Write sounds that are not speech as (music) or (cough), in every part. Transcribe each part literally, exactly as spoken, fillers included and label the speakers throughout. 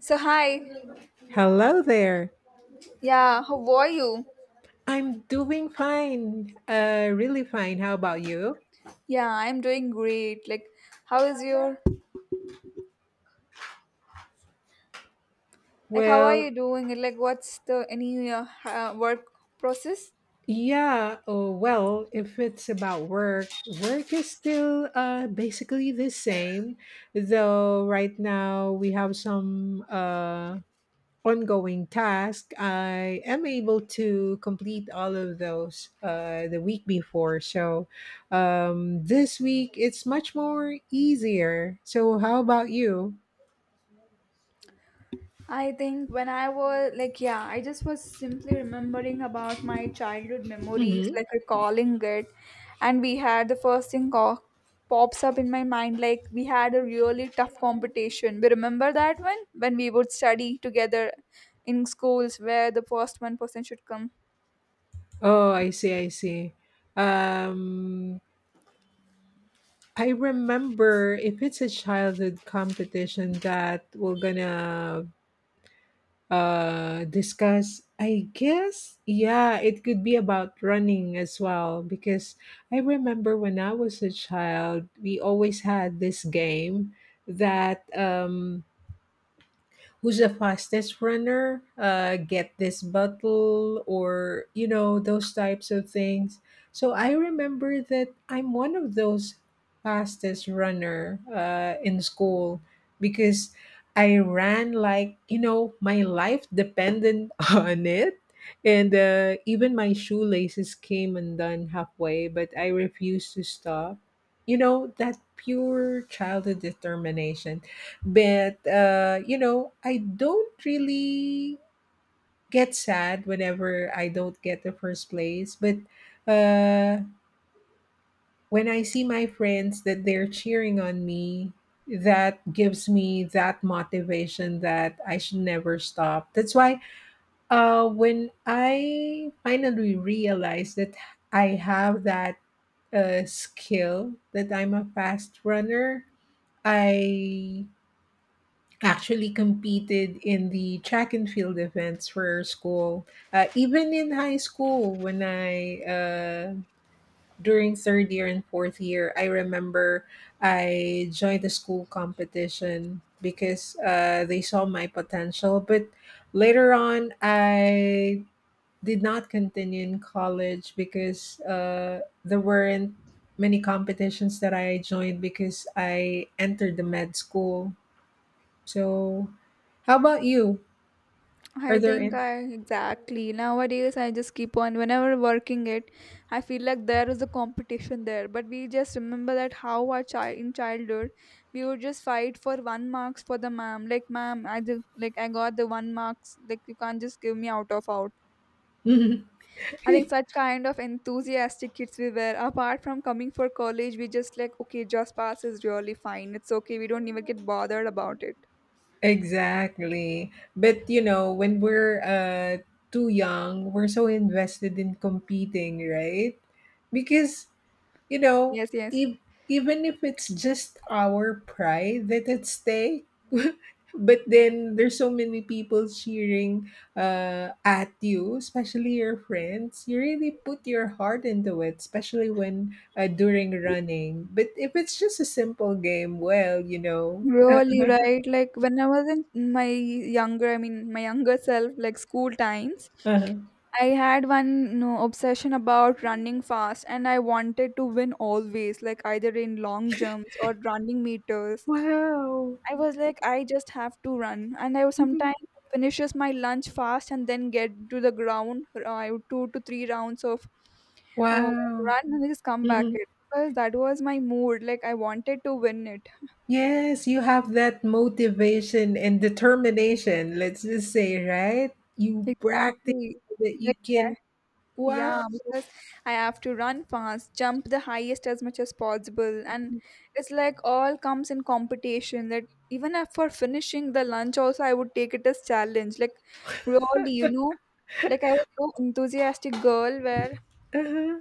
Speaker 1: So hi,
Speaker 2: Hello there.
Speaker 1: yeah, how are you?
Speaker 2: I'm doing fine, uh, really fine. How about you?
Speaker 1: Yeah, I'm doing great. Like, how is your, like, how are
Speaker 2: Well,
Speaker 1: you doing? And, like, what's the any uh, uh, work process?
Speaker 2: yeah. Oh, well, if it's about work, work is still uh, basically the same, though. Right now, we have some uh, ongoing task. I am able to complete all of those uh, the week before, so um, this week it's much more easier. So, how about you?
Speaker 1: I think when I was like, yeah, I just was simply remembering about my childhood memories, like recalling it, and we had the first thing co- pops up in my mind, like we had a really tough competition. We remember that one when we would study together in schools where the first one person should come.
Speaker 2: Oh, I see, I see. Um, I remember if it's a childhood competition that we're gonna uh discuss, I guess, yeah, it could be about running as well because I remember when I was a child, we always had this game that um who's the fastest runner uh, get this bottle or you know those types of things. So i remember that I'm one of those fastest runner uh, in school because I ran like, you know, my life depended (laughs) on it. And uh, even my shoelaces came undone halfway, but I refused to stop. You know that pure childhood determination. But uh, you know, I don't really get sad whenever I don't get the first place. But uh, when I see my friends that they're cheering on me, that gives me that motivation that I should never stop. That's why uh, when I finally realized that I have that uh, skill that I'm a fast runner, I actually competed in the track and field events for school, uh, even in high school. When i uh, during third year and fourth year, I remember I joined the school competition because uh, they saw my potential. But later on, I did not continue in college because uh, there weren't many competitions that I joined because I entered the med school. So, how about you? Are
Speaker 1: I
Speaker 2: there
Speaker 1: think
Speaker 2: in?
Speaker 1: I exactly nowadays I just keep on whenever working it. I feel like there is a competition there, but we just remember that how our child in childhood we would just fight for one marks for the ma'am, like ma'am I just like I got the one marks, like you can't just give me out of out.
Speaker 2: (laughs)
Speaker 1: I think such kind of enthusiastic kids we were, apart from coming for college we just like, okay, just pass is really fine, it's okay, we don't even get bothered about it.
Speaker 2: Exactly. But you know, when we're uh, too young, we're so invested in competing, right? Because you know,
Speaker 1: Yes, yes.
Speaker 2: ev- even if it's just our pride that at stake, (laughs) but then there's so many people cheering uh, at you, especially your friends. You really put your heart into it, especially when uh, during running. But if it's just a simple game, well, you know,
Speaker 1: Really,
Speaker 2: (laughs)
Speaker 1: right? Like when I was in my younger, I mean, my younger self, like school times,
Speaker 2: Uh-huh.
Speaker 1: I had one no, obsession about running fast and I wanted to win always, like either in long jumps or running meters.
Speaker 2: Wow,
Speaker 1: I was like, I just have to run. And I would sometimes
Speaker 2: (laughs)
Speaker 1: finishes my lunch fast and then get to the ground. uh, I would two to three rounds of oh,
Speaker 2: wow.
Speaker 1: run and just come back
Speaker 2: Mhm.
Speaker 1: it, because that was my mood. Like I wanted to win it.
Speaker 2: Yes, you have that motivation and determination, let's just say, right? You practice
Speaker 1: Exactly.
Speaker 2: so that you
Speaker 1: Like,
Speaker 2: can wow.
Speaker 1: yeah, because I have to run fast, jump the highest as much as possible, and it's like all comes in competition. That even if for finishing the lunch, also I would take it as challenge. Like really, you know, like I was so enthusiastic girl where
Speaker 2: Uh-huh.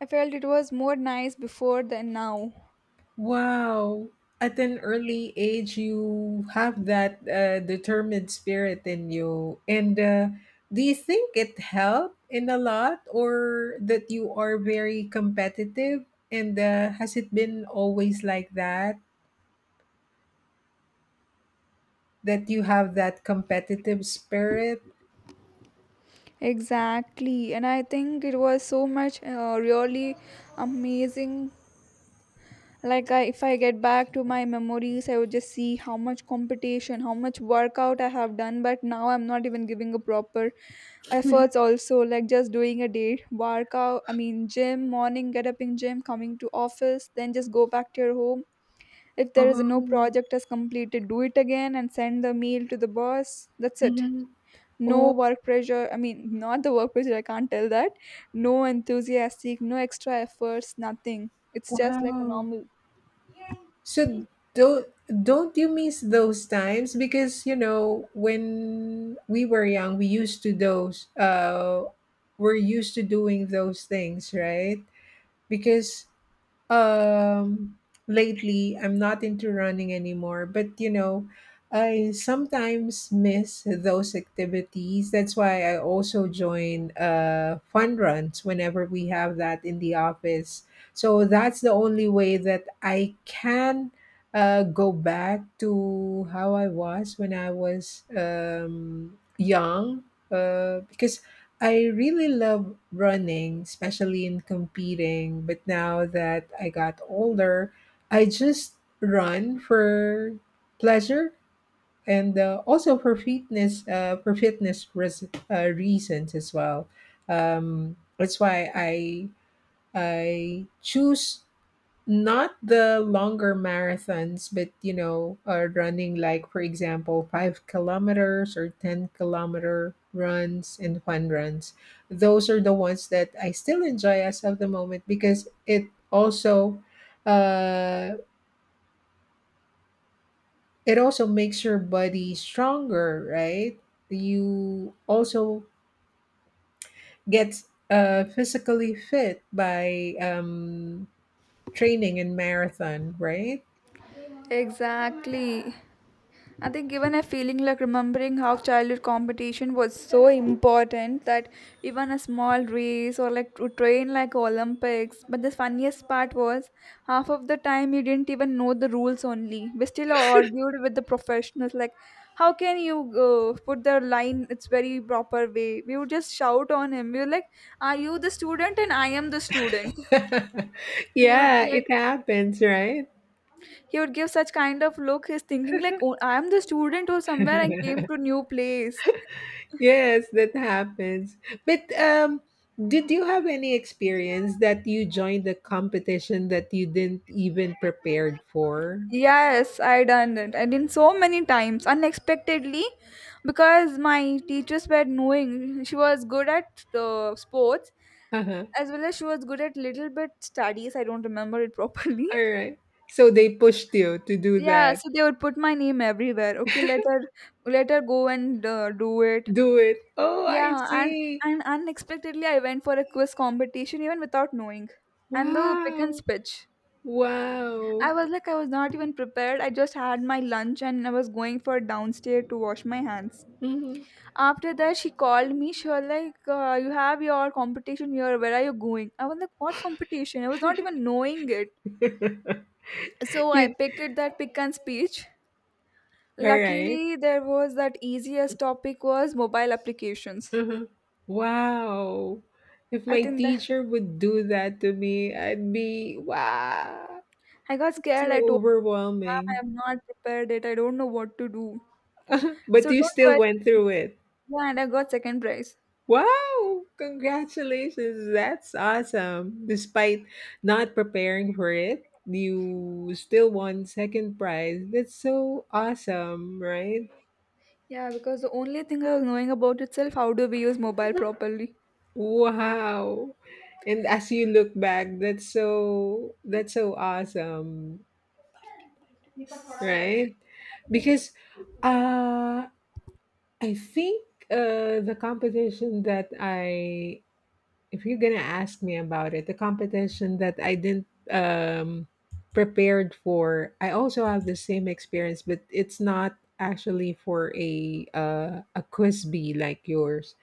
Speaker 1: I felt it was more nice before than now.
Speaker 2: Wow. At an early age, you have that uh, determined spirit in you. And uh, do you think it helped in a lot, or that you are very competitive? And uh, has it been always like that? That you have that competitive spirit? (laughs)
Speaker 1: Exactly, and I think it was so much uh, really amazing, like I, if I get back to my memories I would just see how much competition, how much workout I have done, but now I'm not even giving a proper efforts also, like just doing a day workout, I mean gym morning, get up in gym, coming to office, then just go back to your home. If there is no
Speaker 2: Oh,
Speaker 1: project as completed, do it again and send the mail to the boss, that's it.
Speaker 2: mhm.
Speaker 1: No
Speaker 2: Oh,
Speaker 1: work pressure, I mean not the work pressure, I can't tell that. No enthusiastic, no extra efforts, nothing, it's just like a
Speaker 2: wow.
Speaker 1: normal.
Speaker 2: So don't don't you miss those times? Because you know, when we were young, we used to those uh we're used to doing those things, right? Because Um, lately, I'm not into running anymore, but you know, I sometimes miss those activities. That's why I also join uh, fun runs whenever we have that in the office. So that's the only way that I can uh, go back to how I was when I was um, young. Uh, because I really love running, especially in competing. But now that I got older, I just run for pleasure and uh, also for fitness, uh, for fitness res- uh, reasons as well. Um, that's why I I choose not the longer marathons, but you know, uh, running like, for example, five kilometers or ten kilometer runs and fun runs. Those are the ones that I still enjoy as of the moment because it also, uh, it also makes your body stronger, right? You also get uh, physically fit by um, training in marathon, right?
Speaker 1: Exactly. I think even a feeling like remembering how childhood competition was so important that even a small race or like to train like Olympics. But the funniest part was half of the time you didn't even know the rules only. We still argued with the professionals like, how can you uh, put the line its very proper way? We would just shout on him. We were like, are you the student and I am the student?
Speaker 2: (laughs)
Speaker 1: He would
Speaker 2: Yeah,
Speaker 1: be like
Speaker 2: it happens, right?
Speaker 1: He would give such kind of look. He's thinking like, "Oh, I'm the student who somewhere I came to
Speaker 2: (laughs)
Speaker 1: new place."
Speaker 2: Yes, that happens. But um, did you have any experience that you joined a competition that you didn't even prepared for?
Speaker 1: Yes, I done it. I did so many times unexpectedly because my teachers were knowing she was good at uh, sports
Speaker 2: Uh-huh.
Speaker 1: as well as she was good at little bit studies. I don't remember it properly.
Speaker 2: All
Speaker 1: (laughs)
Speaker 2: right. So they pushed you to do
Speaker 1: Yeah,
Speaker 2: that.
Speaker 1: so they would put my name everywhere. Okay, let her let her go and uh, do it.
Speaker 2: Do it. Oh, I
Speaker 1: Yeah, and
Speaker 2: see.
Speaker 1: and unexpectedly I went for a quiz competition even without knowing. And the pick and
Speaker 2: Wow.
Speaker 1: speech. I
Speaker 2: Wow.
Speaker 1: was like I was not even prepared. I just had my lunch and I was going for downstairs to wash my hands.
Speaker 2: Mhm.
Speaker 1: After that she called me. She was like, uh, you have your competition here. Where are you going? I was like, what competition? I was not even knowing it.
Speaker 2: (laughs)
Speaker 1: So I
Speaker 2: You-
Speaker 1: picked it that pick and speech.
Speaker 2: all right.
Speaker 1: Luckily there was that easiest topic was mobile applications.
Speaker 2: Uh-huh. Wow. If
Speaker 1: I
Speaker 2: my
Speaker 1: think that
Speaker 2: teacher would do that to me, I'd be, wow,
Speaker 1: I got
Speaker 2: so
Speaker 1: scared. I told ma'am I
Speaker 2: overwhelming.
Speaker 1: have not prepared it. I don't know what to do.
Speaker 2: (laughs) But
Speaker 1: So
Speaker 2: you
Speaker 1: don't
Speaker 2: still went
Speaker 1: worry.
Speaker 2: through it.
Speaker 1: Yeah, and I got second prize.
Speaker 2: Wow. Congratulations. That's awesome. Despite not preparing for it, you still won second prize. That's so awesome, right?
Speaker 1: Yeah, because the only thing I was knowing about itself, how do we use mobile properly? (laughs)
Speaker 2: Wow. And as you look back, that's so that's so awesome. Right? Because uh, I think uh, the competition that I, if you're gonna ask me about it, the competition that I didn't um, prepared for, I also have the same experience, but it's not actually for a uh, a quiz bee like yours.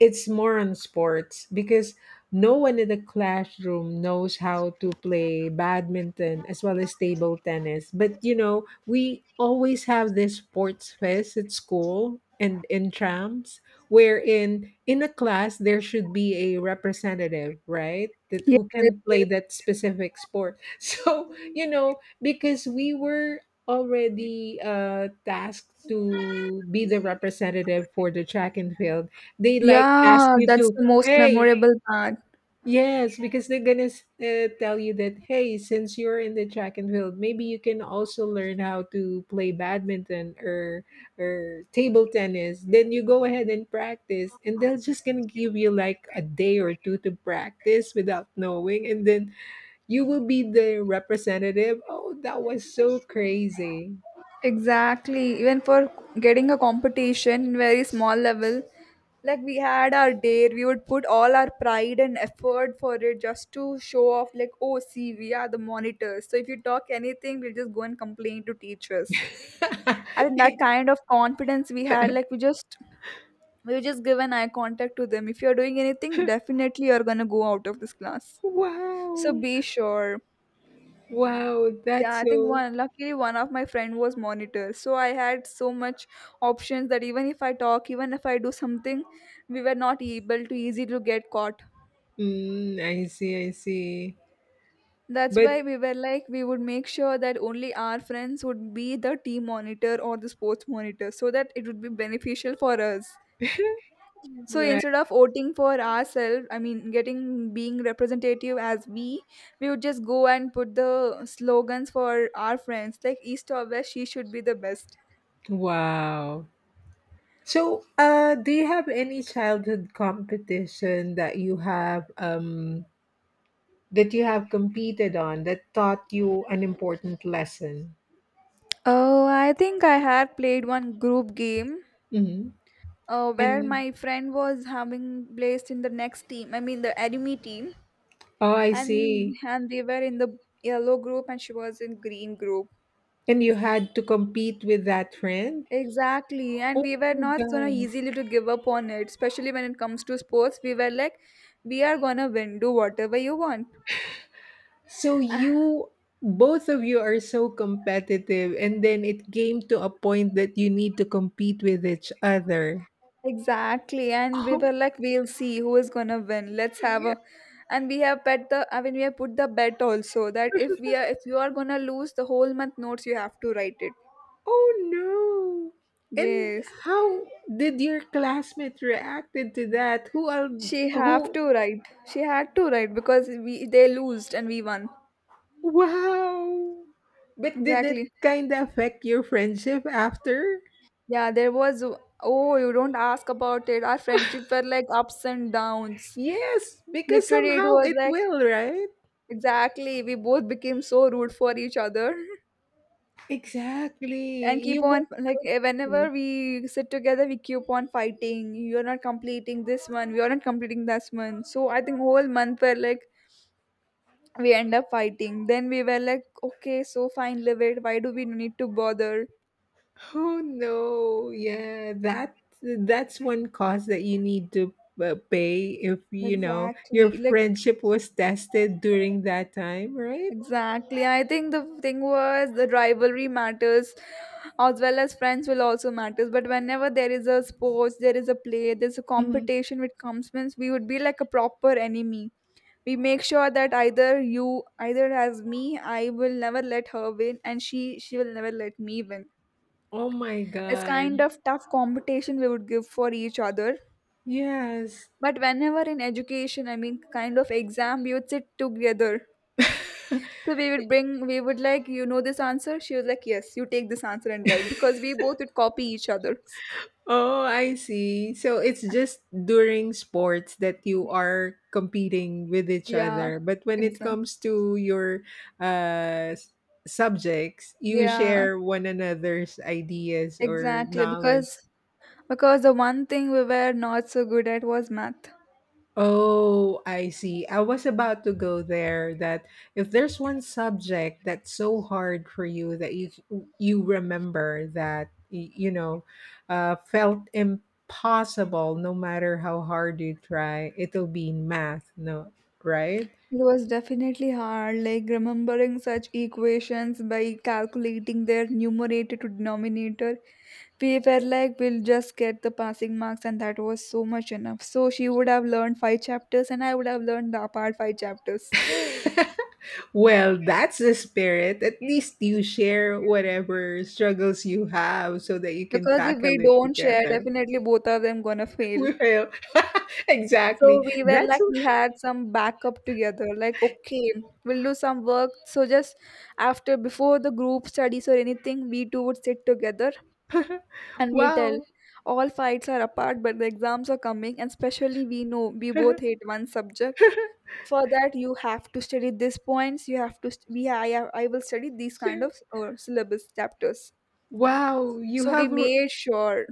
Speaker 2: It's more on sports because no one in the classroom knows how to play badminton as well as table tennis. But you know, we always have this sports fest at school and in trams, wherein in a class there should be a representative, right? That
Speaker 1: Yes,
Speaker 2: who
Speaker 1: yes,
Speaker 2: can
Speaker 1: yes.
Speaker 2: play that specific sport. (laughs) So, you know, because we were already uh tasked to be the representative for the track and field, they like ask
Speaker 1: Yeah,
Speaker 2: you
Speaker 1: that's
Speaker 2: to,
Speaker 1: the most
Speaker 2: hey,
Speaker 1: memorable part.
Speaker 2: yes, because they're gonna uh, tell you that, hey, since you're in the track and field, maybe you can also learn how to play badminton or or table tennis, then you go ahead and practice, and they're just gonna give you like a day or two to practice without knowing, and then you will be the representative. Oh, that was so crazy.
Speaker 1: Exactly. Even for getting a competition in very small level, like we had our dare, we would put all our pride and effort for it just to show off, like, oh, see, we are the monitors. So if you talk anything, we'll just go and complain to teachers. I think that
Speaker 2: (laughs)
Speaker 1: kind of confidence we had, like we just we would just give an eye contact to them. If you're doing anything, definitely you're gonna go out of this class. So
Speaker 2: Wow.
Speaker 1: be sure.
Speaker 2: Wow,
Speaker 1: Yeah,
Speaker 2: that's
Speaker 1: I think
Speaker 2: so.
Speaker 1: one luckily one of my friend was monitor. So I had so much options that even if I talk, even if I do something, we were not able to easy to get caught.
Speaker 2: Mm, I see, I see.
Speaker 1: That's why
Speaker 2: But
Speaker 1: we were like we would make sure that only our friends would be the team monitor or the sports monitor so that it would be beneficial for us. So
Speaker 2: like,
Speaker 1: instead of voting for ourselves, I mean getting being representative as we, we would just go and put the slogans for our friends like east or west she should be the best.
Speaker 2: wow. So, uh, do you have any childhood competition that you have um that you have competed on that taught you an important lesson.
Speaker 1: Oh, I think I had played one group game
Speaker 2: Hmm.
Speaker 1: uh,
Speaker 2: And
Speaker 1: where my friend was having placed in the next team, I mean the enemy team,
Speaker 2: oh, I
Speaker 1: and
Speaker 2: see.
Speaker 1: and they were in the yellow group and she was in green group.
Speaker 2: And you had to compete with that friend.
Speaker 1: Exactly, and
Speaker 2: Oh
Speaker 1: we were
Speaker 2: my
Speaker 1: not gonna
Speaker 2: God.
Speaker 1: easily to give up on it, especially when it comes to sports. We were like, we are gonna win, do whatever you want.
Speaker 2: So
Speaker 1: (laughs)
Speaker 2: you, both of you are so competitive, and then it came to a point that you need to compete with each other.
Speaker 1: Exactly. And we
Speaker 2: Oh,
Speaker 1: were like, we'll see who is gonna win. Let's have
Speaker 2: yeah.
Speaker 1: a, and we have bet the I mean we have put the bet also that if we are if you are gonna lose the whole month notes you have to write it.
Speaker 2: Oh no. And
Speaker 1: Yes.
Speaker 2: how did your classmate reacted to that? Who al?
Speaker 1: She have
Speaker 2: Who
Speaker 1: to write. She had to write because we they lost and we won.
Speaker 2: wow! But did it
Speaker 1: Exactly.
Speaker 2: kind of affect your friendship after?
Speaker 1: Yeah, there was, oh you don't ask about it. Our friendship were like ups and downs.
Speaker 2: Yes, because
Speaker 1: Literally it
Speaker 2: somehow
Speaker 1: was
Speaker 2: it
Speaker 1: like
Speaker 2: will, right?
Speaker 1: exactly we both became so rude for each other. (laughs) And
Speaker 2: Exactly.
Speaker 1: keep
Speaker 2: You
Speaker 1: on
Speaker 2: won't
Speaker 1: like
Speaker 2: know
Speaker 1: eh, whenever
Speaker 2: him.
Speaker 1: we sit together we keep on fighting, you're not completing this one, we are not completing this one, so I think whole month were like we end up fighting, then we were like okay so fine live it, why do we need to bother?
Speaker 2: Oh no! Yeah, that that's one cost that you need to uh, pay if you know your
Speaker 1: Exactly like,
Speaker 2: friendship was tested during that time, right?
Speaker 1: exactly. I think the thing was the rivalry matters as well as friends will also matters. But whenever there is a sports, there is a play, there's a
Speaker 2: Hmm.
Speaker 1: competition which comes means we would be like a proper enemy. We make sure that either you either as me, I will never let her win and she she will never let me win.
Speaker 2: Oh my
Speaker 1: It's
Speaker 2: God!
Speaker 1: kind of tough competition we would give for each other.
Speaker 2: Yes.
Speaker 1: But whenever in education, I mean kind of exam, we would sit together.
Speaker 2: (laughs)
Speaker 1: So we would bring, we would like, you know this answer? She was like, yes, you take this answer and write, because we both would copy each other.
Speaker 2: Oh, I see. So it's just during sports that you are competing with each
Speaker 1: Yeah,
Speaker 2: other. But when it
Speaker 1: exactly.
Speaker 2: comes to your uh, s- subjects, you
Speaker 1: Yeah,
Speaker 2: share one another's ideas or
Speaker 1: exactly.
Speaker 2: knowledge.
Speaker 1: Because because the one thing we were not so good at was math.
Speaker 2: Oh, I see. I was about to go there that if there's one subject that's so hard for you that you you remember that y- you know uh, felt impossible no matter how hard you try, it'll be math, no, right?
Speaker 1: It was definitely hard, like remembering such equations by calculating their numerator to denominator. We were like, we'll just get the passing marks, and that was so much enough. So she would have learned five chapters, and I would have learned the apart five chapters.
Speaker 2: (laughs) Well, that's the spirit. At least you share whatever struggles you have so that you can
Speaker 1: Because if we
Speaker 2: tackle it
Speaker 1: don't share,
Speaker 2: together. (laughs)
Speaker 1: definitely both of them gonna fail.
Speaker 2: Well, (laughs)
Speaker 1: So
Speaker 2: exactly.
Speaker 1: we were
Speaker 2: That's
Speaker 1: like we had some backup together, like okay, we'll do some work. So just after before the group studies or anything, we two would sit together and we'll tell
Speaker 2: wow.
Speaker 1: all fights are apart, but the exams are coming, and especially we know we both hate
Speaker 2: (laughs)
Speaker 1: one subject. For that, you have to study these points. You have to st- we I have- I will study these kind
Speaker 2: Sure.
Speaker 1: of or syllabus chapters.
Speaker 2: Wow, you
Speaker 1: So we
Speaker 2: have a,
Speaker 1: made sure,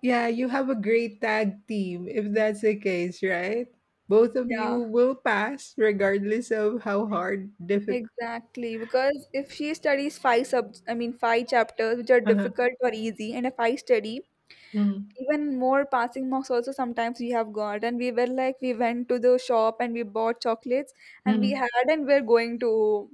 Speaker 2: yeah, you have a great tag team if that's the case, right? Both of
Speaker 1: yeah.
Speaker 2: you will pass regardless of how hard difficult.
Speaker 1: Exactly, because if she studies five sub, I mean five chapters which are
Speaker 2: Uh-huh.
Speaker 1: difficult or easy, and if I study
Speaker 2: Mhm.
Speaker 1: even more passing marks also sometimes we have got, and we were like we went to the shop and we bought chocolates and we
Speaker 2: Mhm.
Speaker 1: had and we're going to.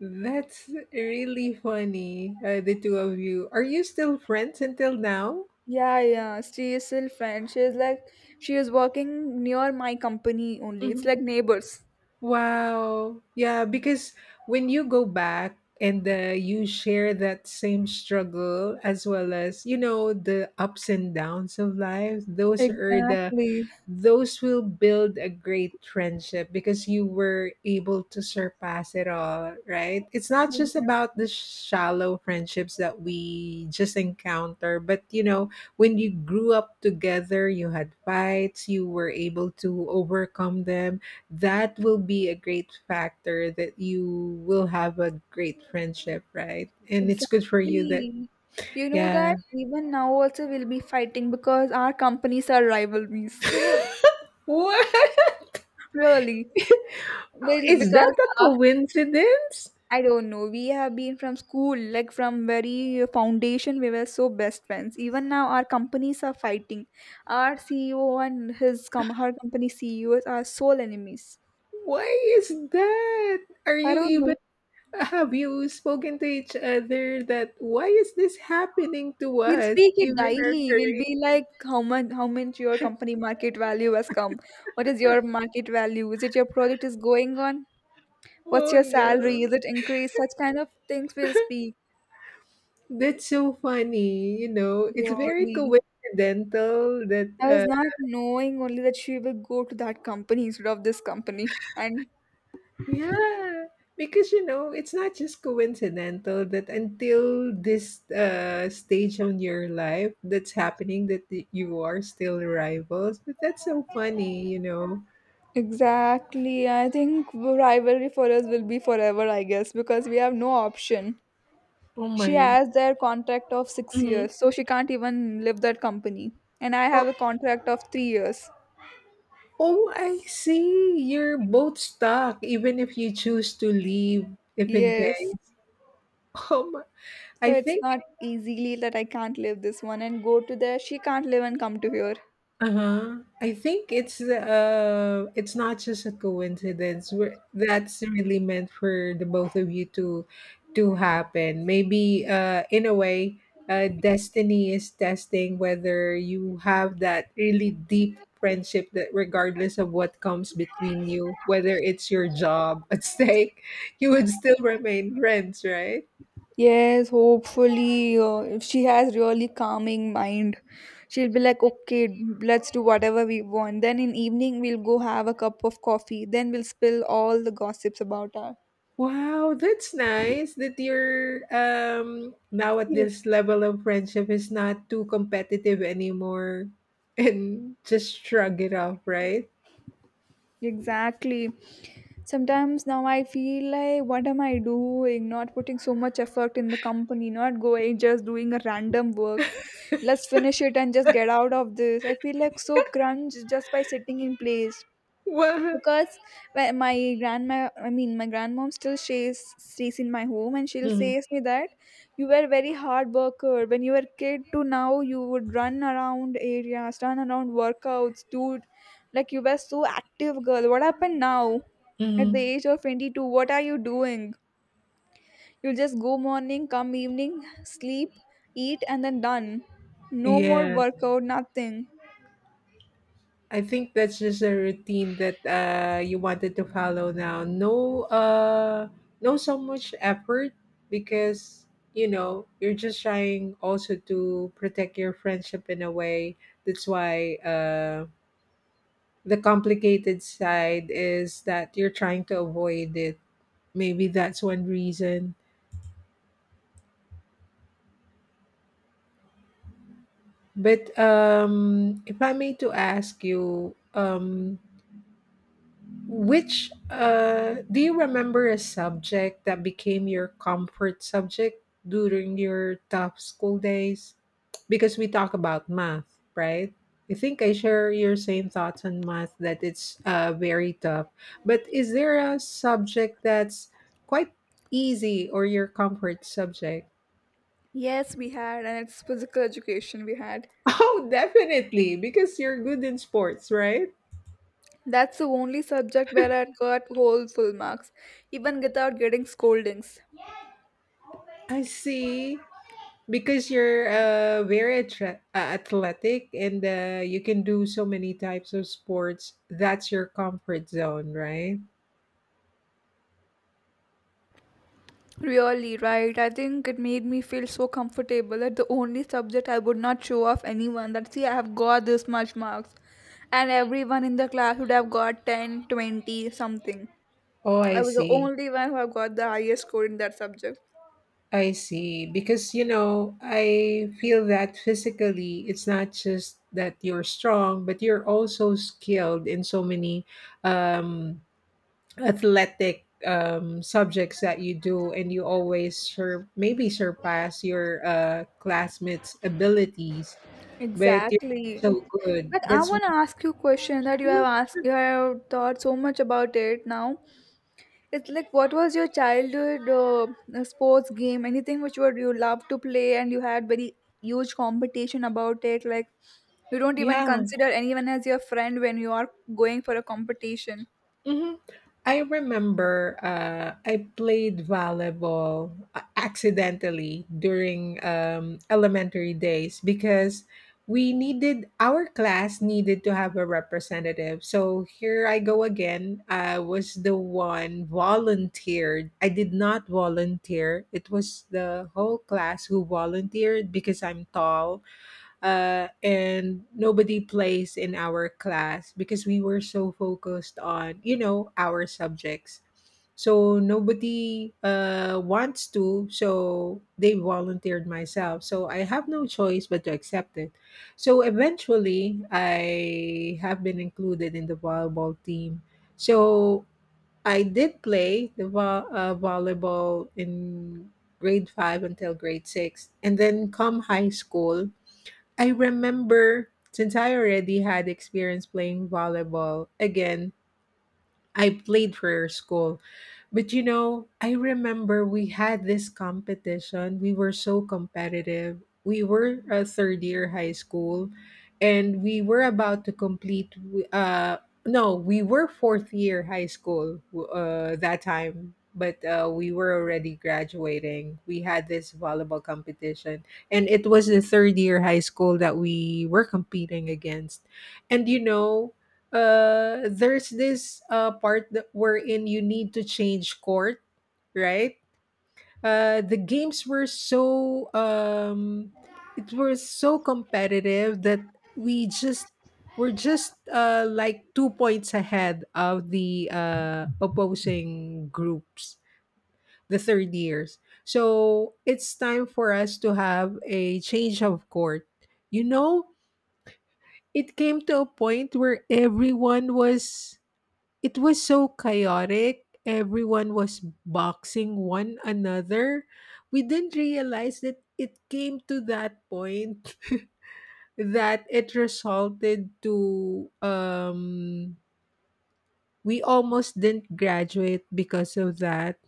Speaker 2: That's really funny. Uh, the two of you. Are you still friends until now?
Speaker 1: Yeah, yeah. She is still friend. She is like she is working near my company only. It's like neighbors.
Speaker 2: Wow. Yeah, because when you go back and uh, you share that same struggle as well as, you know, the ups and downs of life, those are the
Speaker 1: Exactly.
Speaker 2: those will build a great friendship because you were able to surpass it all, right? It's not just
Speaker 1: Exactly.
Speaker 2: about the shallow friendships that we just encounter, but you know, when you grew up together, you had fights, you were able to overcome them. That will be a great factor that you will have a great friendship, right? And it's good for you that,
Speaker 1: Exactly. You know
Speaker 2: yeah.
Speaker 1: that even now also we'll be fighting because our companies are rivalries. (laughs)
Speaker 2: (laughs) What?
Speaker 1: Really. Well,
Speaker 2: Is that
Speaker 1: because
Speaker 2: a
Speaker 1: uh,
Speaker 2: coincidence?
Speaker 1: I don't know, we have been from school, like from very foundation, we were so best friends. Even now, our companies are fighting. Our C E O and his com her company C E Os are sole enemies.
Speaker 2: Why is that? Are
Speaker 1: I
Speaker 2: you
Speaker 1: don't
Speaker 2: even
Speaker 1: know.
Speaker 2: have you spoken to each other that why is this happening to
Speaker 1: We'll
Speaker 2: us?
Speaker 1: speak it
Speaker 2: Even our
Speaker 1: daily. We'll
Speaker 2: career.
Speaker 1: be like, how much, how much your company market value has come? What is your market value? Is it your project is going on? What's
Speaker 2: Oh
Speaker 1: your salary?
Speaker 2: no.
Speaker 1: Is it increased? Such kind of things we'll speak
Speaker 2: That's so funny, you know. It's very
Speaker 1: purely.
Speaker 2: coincidental that
Speaker 1: I was
Speaker 2: uh
Speaker 1: not knowing only that she will go to that company instead of this company. And
Speaker 2: yeah. Because you know, it's not just coincidental that until this uh stage on your life that's happening that y- you are still rivals. But that's so funny, you know.
Speaker 1: exactly, I think rivalry for us will be forever, I guess, because we have no option.
Speaker 2: Oh
Speaker 1: She
Speaker 2: my.
Speaker 1: has their contract of six
Speaker 2: Mhm.
Speaker 1: years, so she can't even leave that company. And I have a contract of three years.
Speaker 2: Oh, I see. You're both stuck, even if you choose to leave,
Speaker 1: Yes.
Speaker 2: Ifingay. (laughs) Um,
Speaker 1: So
Speaker 2: I
Speaker 1: it's
Speaker 2: think
Speaker 1: not easily that I can't leave this one and go to there. She can't live and come to here.
Speaker 2: uh-huh. I think it's uh it's not just a coincidence. We're, that's really meant for the both of you to to happen. Maybe uh in a way, uh destiny is testing whether you have that really deep friendship that regardless of what comes between you, whether it's your job at stake, (laughs) you would still remain friends, right?
Speaker 1: Yes, hopefully, uh, if she has really calming mind, she'll be like, okay, let's do whatever we want. Then in evening, we'll go have a cup of coffee. Then we'll spill all the gossips about her.
Speaker 2: Wow, that's nice that you're um now at this level of friendship is not too competitive anymore (laughs) and just shrug it off, right?
Speaker 1: Exactly. Sometimes now I feel like, what am I doing? Not putting so much effort in the company, not going, just doing a random work. Let's finish it and just get out of this. I feel like so crunch just by sitting in place,
Speaker 2: Wow.
Speaker 1: because wh- my grandma, I mean my grandmom, still stays stays in my home, and she'll say
Speaker 2: Mm,
Speaker 1: me that you were very hard worker when you were kid. To now you would run around areas, run around workouts, dude, like you were so active girl. What happened now? At the
Speaker 2: mm,
Speaker 1: age of twenty-two, what are you doing? You just go morning, come evening, sleep, eat, and then done. No more
Speaker 2: yes.
Speaker 1: workout, nothing.
Speaker 2: I think that's just a routine that uh you wanted to follow now. No uh no so much effort because you know you're just trying also to protect your friendship in a way. That's why um the complicated side is that you're trying to avoid it. Maybe that's one reason. But um, if I may to ask you, um, Which uh, do you remember a subject that became your comfort subject during your tough school days? Because we talk about math, right? I think I share your same thoughts on math that it's uh, very tough. But is there a subject that's quite easy or your comfort subject?
Speaker 1: Yes, we had, and it's physical education we had.
Speaker 2: (laughs) Oh, definitely, because you're good in sports, right?
Speaker 1: That's the only subject where I got whole full marks, even without getting scoldings.
Speaker 2: I see. Because you're uh, very attra- uh, athletic and uh, you can do so many types of sports. That's your comfort zone, right?
Speaker 1: Really, right? I think it made me feel so comfortable that the only subject I would not show off anyone that see I have got this much marks. And everyone in the class would have got ten, twenty, something.
Speaker 2: Oh, I
Speaker 1: I was the
Speaker 2: see.
Speaker 1: only one who have got the highest score in that subject.
Speaker 2: I see, because you know I feel that physically it's not just that you're strong, but you're also skilled in so many um, athletic um, subjects that you do, and you always sur- maybe surpass your uh, classmates abilities. But you're
Speaker 1: Exactly.
Speaker 2: so good.
Speaker 1: But I
Speaker 2: That's
Speaker 1: want to ask you a question that you have
Speaker 2: Mhm.
Speaker 1: asked,
Speaker 2: Sure.
Speaker 1: you have thought so much about it now. It's like, what was your childhood uh, uh, sports game? Anything which would you love to play and you had very huge competition about it? Like, you don't even
Speaker 2: Yeah.
Speaker 1: consider anyone as your friend when you are going for a competition.
Speaker 2: Mhm. I remember uh, I played volleyball a- accidentally during um, elementary days because we needed our class needed to have a representative. So here I go again. I was the one volunteered. I did not volunteer. It was the whole class who volunteered because I'm tall, uh, and nobody plays in our class because we were so focused on you know our subjects, so nobody uh, wants to, so they volunteered myself, so I have no choice but to accept it. So eventually I have been included in the volleyball team. So I did play the vo- uh, volleyball in grade five until grade six, and then come high school. I remember since I already had experience playing volleyball, again, I played for school. But you know, I remember we had this competition. We were so competitive. We were a third year high school and we were about to complete uh no, we were fourth year high school uh that time, but uh we were already graduating. We had this volleyball competition, and it was the third year high school that we were competing against. And you know, uh there's this uh part that wherein you need to change court, right? Uh the games were so um it was so competitive that we just were just uh like two points ahead of the uh opposing groups, the third years. So it's time for us to have a change of court. You know, it came to a point where everyone was it was so chaotic. Everyone was boxing one another. We didn't realize that it came to that point (laughs) that it resulted to um we almost didn't graduate because of that,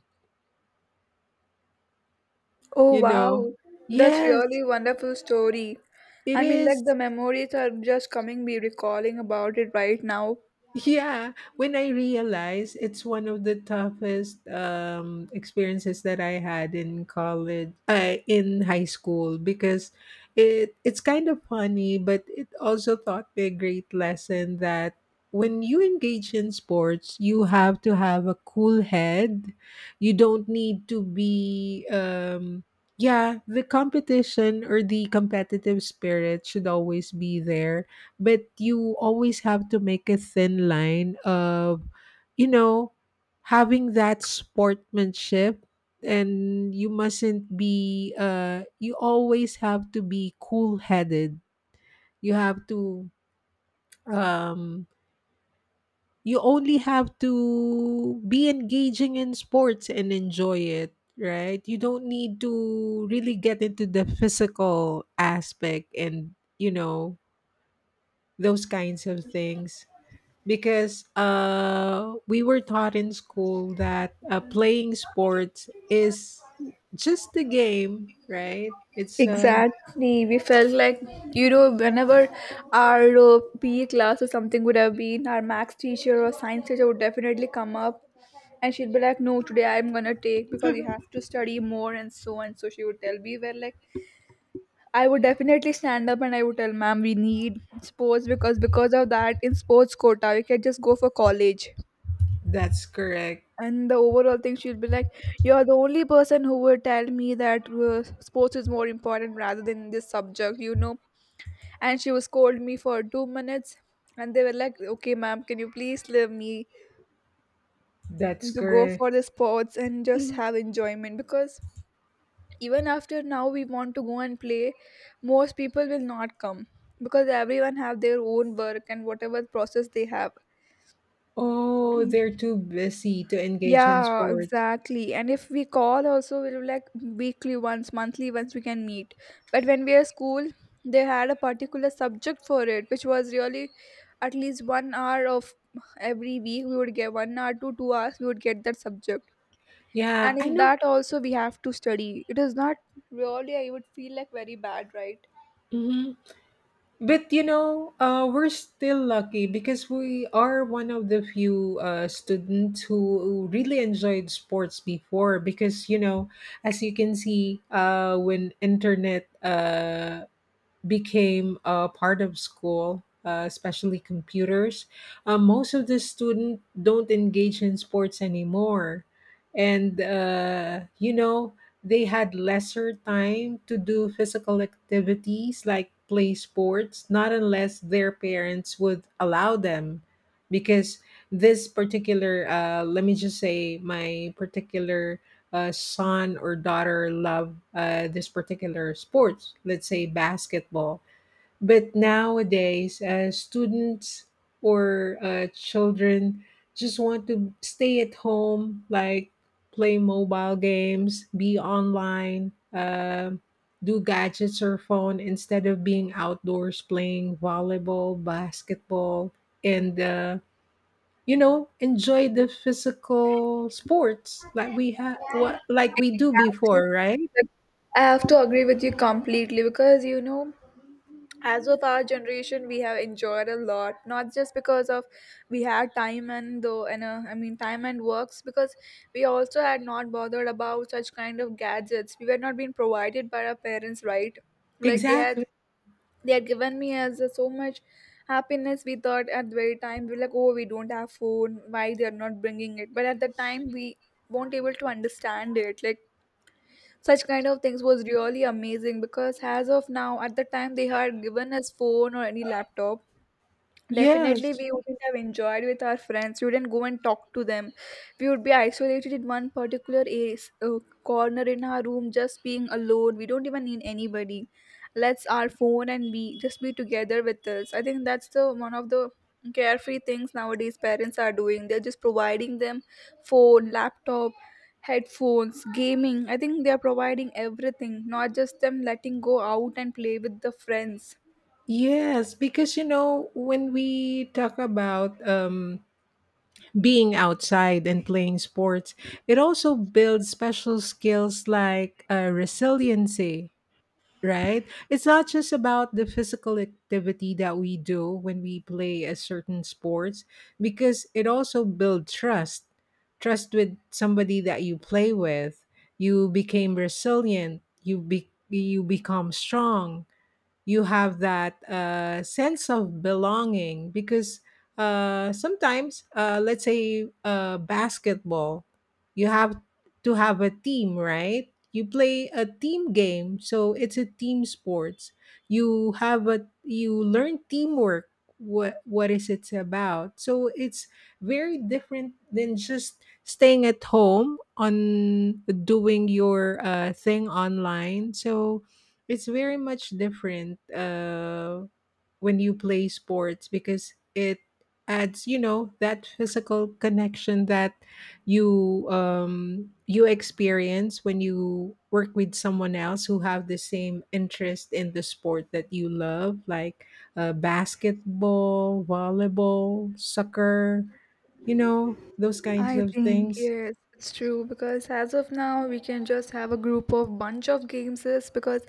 Speaker 1: Oh,
Speaker 2: you know.
Speaker 1: wow. That's
Speaker 2: Yes,
Speaker 1: really wonderful story.
Speaker 2: it
Speaker 1: I mean, like
Speaker 2: is.
Speaker 1: the memories are just coming, be recalling about it right now.
Speaker 2: Yeah, when I realized it's one of the toughest um, experiences that I had in college, uh, in high school, because it it's kind of funny, but it also taught me a great lesson that when you engage in sports, you have to have a cool head. You don't need to be, um, yeah, the competition or the competitive spirit should always be there, but you always have to make a thin line of, you know, having that sportsmanship. And you mustn't be uh you always have to be cool headed. You have to um you only have to be engaging in sports and enjoy it, right? You don't need to really get into the physical aspect and, you know, those kinds of things, because uh, we were taught in school that uh, playing sports is just a game, right? It's uh,
Speaker 1: Exactly. We felt like, you know, whenever our uh, P E class or something would have been, our max teacher or science teacher would definitely come up, and she'd be like, no, today I'm gonna take because you have to study more and so and so. She would tell me, where like, I would definitely stand up and I would tell, ma'am, we need sports because because of that, in sports quota, we can just go for college.
Speaker 2: (laughs) that's correct.
Speaker 1: And the overall thing, she'll be like, you're the only person who would tell me that uh, sports is more important rather than this subject, you know, and she was called me for two minutes, and they were like, okay ma'am, can you please leave me
Speaker 2: That's
Speaker 1: to go
Speaker 2: correct.
Speaker 1: for the sports and just have enjoyment, because even after now we want to go and play, most people will not come because everyone have their own work and whatever process they have.
Speaker 2: Oh, they're too busy to engage in
Speaker 1: Yeah,
Speaker 2: sports.
Speaker 1: exactly. And if we call also, we'll like weekly once, monthly once we can meet. But when we are school, they had a particular subject for it, which was really at least one hour of every week. We would get one hour to two hours, we would get that subject.
Speaker 2: Yeah,
Speaker 1: And
Speaker 2: I
Speaker 1: in
Speaker 2: know.
Speaker 1: that also, we have to study. It is not really, I would feel like very bad, right?
Speaker 2: Mm-hmm. But you know, uh, we're still lucky because we are one of the few uh, students who really enjoyed sports before. Because you know, as you can see, uh, when internet uh, became a part of school, uh, especially computers. Uh, most of the students don't engage in sports anymore, and uh, you know they had lesser time to do physical activities like play sports, not unless their parents would allow them, because this particular uh, let me just say my particular uh, son or daughter love uh, this particular sports, let's say basketball. But nowadays, uh, students or uh, children just want to stay at home, like play mobile games, be online, uh, do gadgets or phone instead of being outdoors playing volleyball, basketball, and uh, you know, enjoy the physical sports like we have, what, like we do
Speaker 1: Exactly.
Speaker 2: before, right?
Speaker 1: Like, I have to agree with you completely, because you know, as of our generation we have enjoyed a lot, not just because of we had time and though, and uh, I mean time and works, because we also had not bothered about such kind of gadgets. We were not being provided by our parents, right? Like they
Speaker 2: Exactly.
Speaker 1: had, they had given me as a, so much happiness we thought. At the very time we were like, oh, we don't have phone, why they are not bringing it? But at the time we won't able to understand it, like such kind of things was really amazing. Because as of now, at the time they had given us phone or any laptop, definitely,
Speaker 2: Yes,
Speaker 1: we wouldn't have enjoyed with our friends. We wouldn't go and talk to them. We would be isolated in one particular a- s- uh, corner in our room, just being alone. We don't even need anybody. Let's our phone and be just be together with us. I think that's the one of the carefree things nowadays parents are doing. They're just providing them phone, laptop, headphones, gaming. I think they are providing everything, not just them letting go out and play with the friends.
Speaker 2: yes, because you know when we talk about um being outside and playing sports, it also builds special skills like uh, resiliency, right? It's not just about the physical activity that we do when we play a certain sports, because it also builds trust. Trust with somebody that you play with. You became resilient. You be you become strong. You have that uh, sense of belonging because uh, sometimes, uh, let's say uh, basketball, you have to have a team, right? You play a team game, so it's a team sports. You have a You learn teamwork. What what is it's about? So it's very different than just staying at home on doing your uh, thing online. So it's very much different uh, when you play sports because it adds, you know, that physical connection that you um, you experience when you work with someone else who have the same interest in the sport that you love, like uh, basketball, volleyball, soccer, you know, those kinds
Speaker 1: I
Speaker 2: of
Speaker 1: think
Speaker 2: things.
Speaker 1: yes, it's true, because as of now we can just have a group of bunch of games is because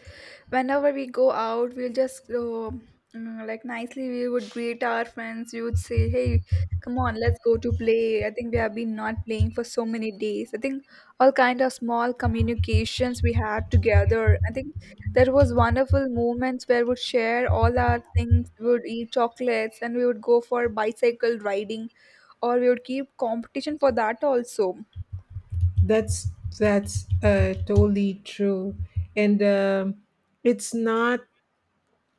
Speaker 1: whenever we go out we'll just uh, mm, like nicely we would greet our friends. We would say, hey, come on, let's go to play. I think we have been not playing for so many days. I think all kind of small communications we had together. I think there was wonderful moments where we would share all our things. We would eat chocolates and we would go for bicycle riding, or we would keep competition for that also.
Speaker 2: That's that's uh, totally true, and um, it's not.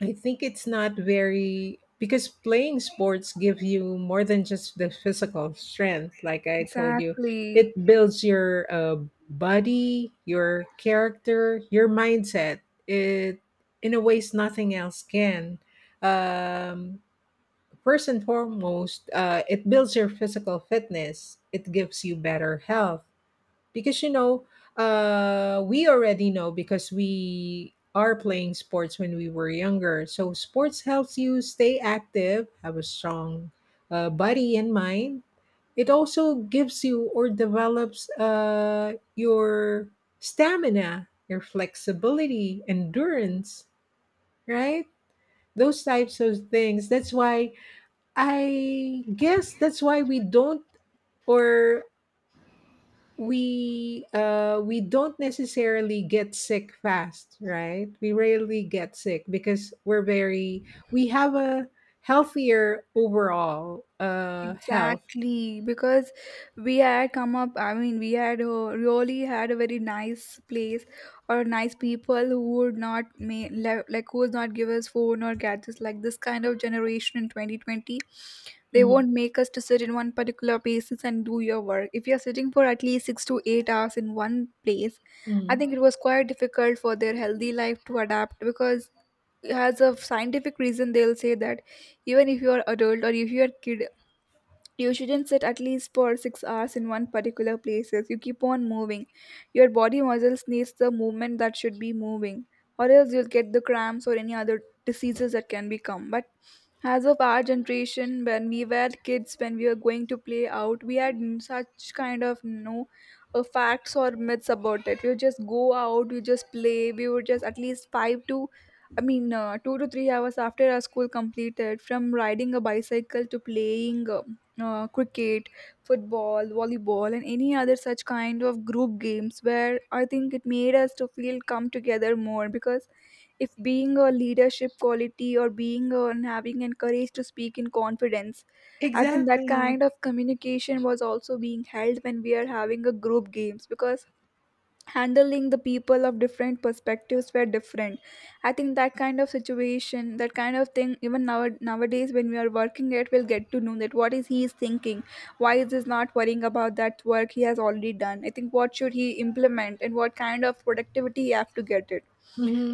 Speaker 2: I think it's not very because playing sports give you more than just the physical strength. Like I told you,
Speaker 1: Exactly.
Speaker 2: it builds your uh, body, your character, your mindset. It in a ways nothing else can. Um, First and foremost, uh, it builds your physical fitness. It gives you better health because you know uh we already know because we are playing sports when we were younger. So sports helps you stay active, have a strong uh, body and mind. It also gives you or develops uh, your stamina, your flexibility, endurance, right? Those types of things. That's why I guess that's why we don't, or we uh we don't necessarily get sick fast, right? We rarely get sick because we're very we have a healthier overall uh health.
Speaker 1: Exactly. Because we had come up, I mean, we had uh, really had a very nice place, or nice people who would not make, like, who would not give us phone or gadgets like this kind of generation in twenty twenty. They
Speaker 2: Mhm.
Speaker 1: won't make us to sit in one particular places and do your work. If you're sitting for at least six to eight hours in one place, I
Speaker 2: Mm.
Speaker 1: think it was quite difficult for their healthy life to adapt. Because as a scientific reason they'll say that, even if you're adult or if you're kid, you shouldn't sit at least for six hours in one particular places. You keep on moving, your body muscles needs the movement that should be moving, or else you'll get the cramps or any other diseases that can become. But as of our generation, when we were kids, when we were going to play out, we had n- such kind of no uh, facts or myths about it. We would just go out, we just play, we would just at least five to, I mean uh, two to three hours after our school completed, from riding a bicycle to playing uh, uh, cricket, football, volleyball, and any other such kind of group games, where I think it made us to feel come together more. Because if being a leadership quality, or being a, and having and courage to speak in confidence, I think that
Speaker 2: Exactly.
Speaker 1: kind of communication was also being held when we are having a group games. Because handling the people of different perspectives were different, I think that kind of situation, that kind of thing, even now, nowadays, when we are working it, we'll get to know that what is he is thinking, why is this not worrying about that work he has already done. I think what should he implement and what kind of productivity he have to get it.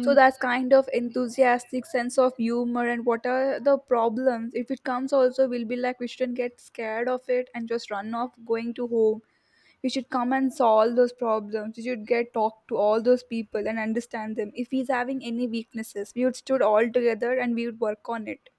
Speaker 1: So that's kind of enthusiastic sense of humor. And what are the problems if it comes also, we'll be like, we shouldn't get scared of it and just run off going to home. We should come and solve those problems. We should get talk to all those people and understand them. If he's having any weaknesses, we would stood all together and we would work on it.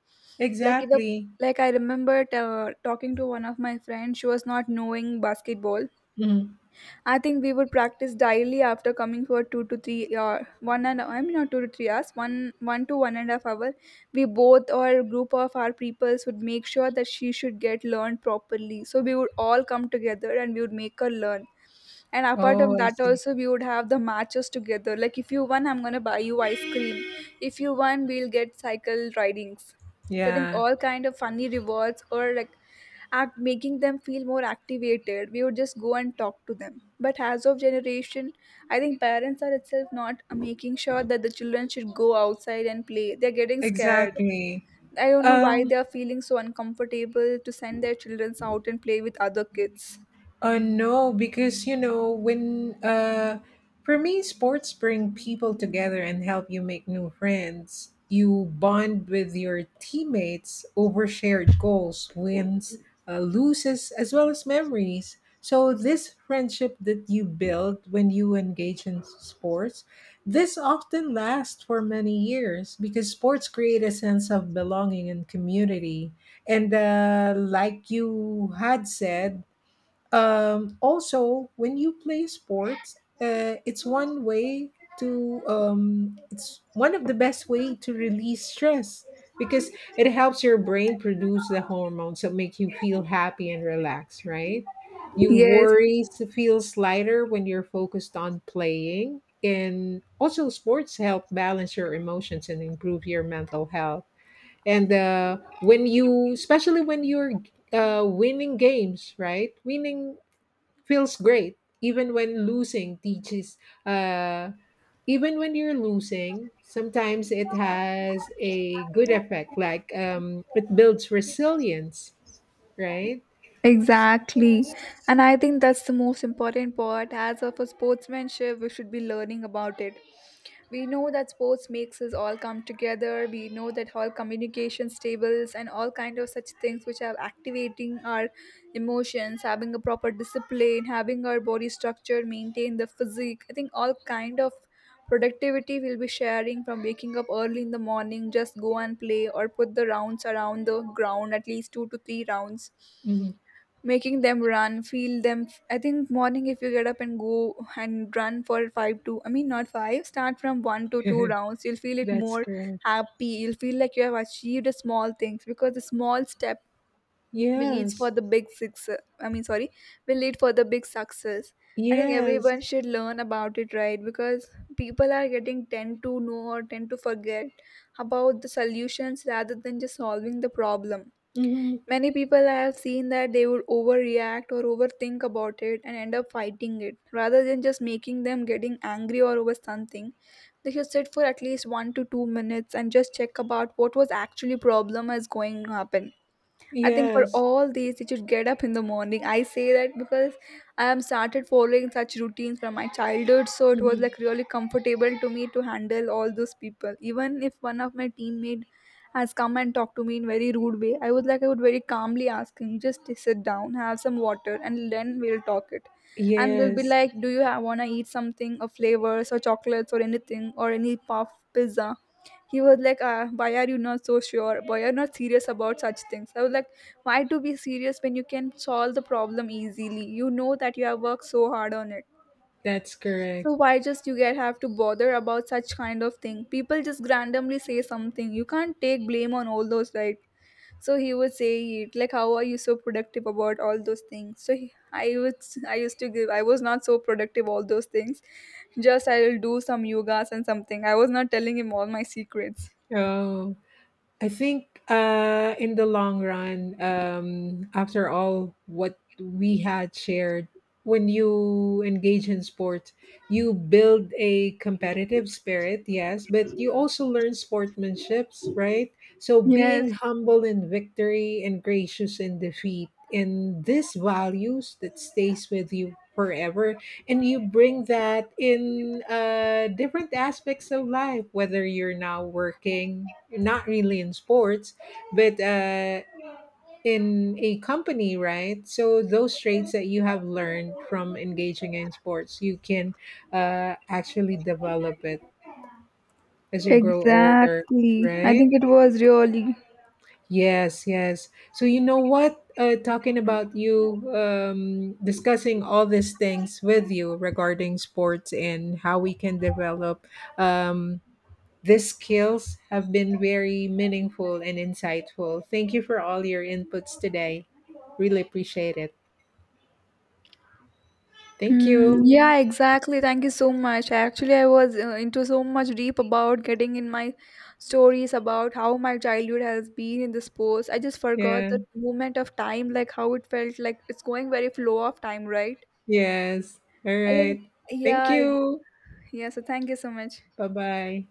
Speaker 1: Like if the,
Speaker 2: Exactly.
Speaker 1: like I remembered uh, talking to one of my friends, she was not knowing basketball.
Speaker 2: Mhm.
Speaker 1: I think we would practice daily after coming for two to three, or one, and I mean not two to three hours, one one to one and a half hour. We both or group of our peoples would make sure that she should get learned properly. So we would all come together and we would make her learn. And apart from
Speaker 2: Oh, I
Speaker 1: that
Speaker 2: see.
Speaker 1: also we would have the matches together. Like, if you won, I'm gonna buy you ice cream. If you won, we'll get cycle ridings. So I think
Speaker 2: Yeah.
Speaker 1: all kind of funny rewards, or like act making them feel more activated. We would just go and talk to them. But as of generation, I think parents are itself not making sure that the children should go outside and play. They're getting scared.
Speaker 2: Exactly.
Speaker 1: I don't know why
Speaker 2: um
Speaker 1: they are feeling so uncomfortable to send their children out and play with other kids.
Speaker 2: Uh, no, because you know when uh, for me, sports bring people together and help you make new friends. You bond with your teammates over shared goals, wins, uh, loses, as well as memories. So this friendship that you build when you engage in sports, this often lasts for many years because sports create a sense of belonging and community. And uh, like you had said, um, also, when you play sports, uh, it's one way to um, it's one of the best way to release stress because it helps your brain produce the hormones that make you feel happy and relaxed. Right? Your
Speaker 1: Yes,
Speaker 2: worries feels lighter when you're focused on playing, and also sports help balance your emotions and improve your mental health. And uh, when you, especially when you're uh, winning games, right? Winning feels great even when losing teaches uh even when you're losing sometimes it has a good effect like um it builds resilience, right?
Speaker 1: exactly. And I think that's the most important part. As of a sportsmanship, we should be learning about it. We know that sports makes us all come together. We know that all communications, tables and all kind of such things which are activating our emotions, having a proper discipline, having our body structure, maintain the physique. I think all kind of productivity we'll be sharing from waking up early in the morning, just go and play or put the rounds around the ground, at least two to three rounds
Speaker 2: Mhm.
Speaker 1: making them run feel them. I think morning if you get up and go and run for five to, I mean, not five, start from one to two
Speaker 2: (laughs)
Speaker 1: rounds you'll feel it
Speaker 2: That's
Speaker 1: more
Speaker 2: correct.
Speaker 1: happy. You'll feel like you have achieved a small things, because the small step will lead for
Speaker 2: Yes,
Speaker 1: the big six, I mean, sorry, will lead for the big success. I think
Speaker 2: yes.
Speaker 1: everyone should learn about it, right? Because people are getting tend to know or tend to forget about the solutions rather than just solving the problem.
Speaker 2: Hmm.
Speaker 1: Many people I have seen that they would overreact or overthink about it and end up fighting it rather than just making them getting angry or over something. They should sit for at least one to two minutes and just check about what was actually problem is going to happen. I think for
Speaker 2: Yes.
Speaker 1: all these, you should get up in the morning. I say that because I am started following such routines from my childhood, so it was
Speaker 2: Hmm.
Speaker 1: like really comfortable to me to handle all those people. Even if one of my teammate has come and talked to me in very rude way, I was like I would very calmly ask him, just sit down, have some water, and then we'll talk it. And they'll be
Speaker 2: Yes,
Speaker 1: like, do you have, wanna eat something of flavors or chocolates or anything or any puff pizza? He was like, uh, why are you not so sure? Why are you not serious about such things? I was like, why to be serious when you can solve the problem easily? You know that you have worked so hard on it.
Speaker 2: that's correct.
Speaker 1: So why just you get have to bother about such kind of thing? People just randomly say something. You can't take blame on all those, right? So he would say it like, "How are you so productive about all those things?" So he, I would, I used to give. I was not so productive all those things. Just I will do some yogas and something. I was not telling him all my secrets.
Speaker 2: Oh, I think uh, in the long run, um, after all what we had shared, when you engage in sport, you build a competitive spirit, yes, but you also learn sportsmanships, right? So being
Speaker 1: Yes,
Speaker 2: humble in victory and gracious in defeat, and these values that stays with you forever, and you bring that in uh, different aspects of life whether you're now working, not really in sports, but uh, in a company, right? So those traits that you have learned from engaging in sports you can uh, actually develop it as you grow older,
Speaker 1: exactly. I
Speaker 2: right?
Speaker 1: think it was really.
Speaker 2: Yes, yes. So you know what? Uh, talking about you um, discussing all these things with you regarding sports and how we can develop um, these skills have been very meaningful and insightful. Thank you for all your inputs today. Really appreciate it. Thank
Speaker 1: Mm,
Speaker 2: you.
Speaker 1: yeah, exactly. Thank you so much. Actually, I was uh, into so much deep about getting in my stories about how my childhood has been in this post. I just forgot
Speaker 2: Yeah.
Speaker 1: that moment of time, like how it felt like it's going very flow of time, right?
Speaker 2: Yes. All
Speaker 1: I
Speaker 2: right.
Speaker 1: think, yeah,
Speaker 2: Thank
Speaker 1: I-
Speaker 2: you.
Speaker 1: yeah. So, thank you so much.
Speaker 2: Bye bye.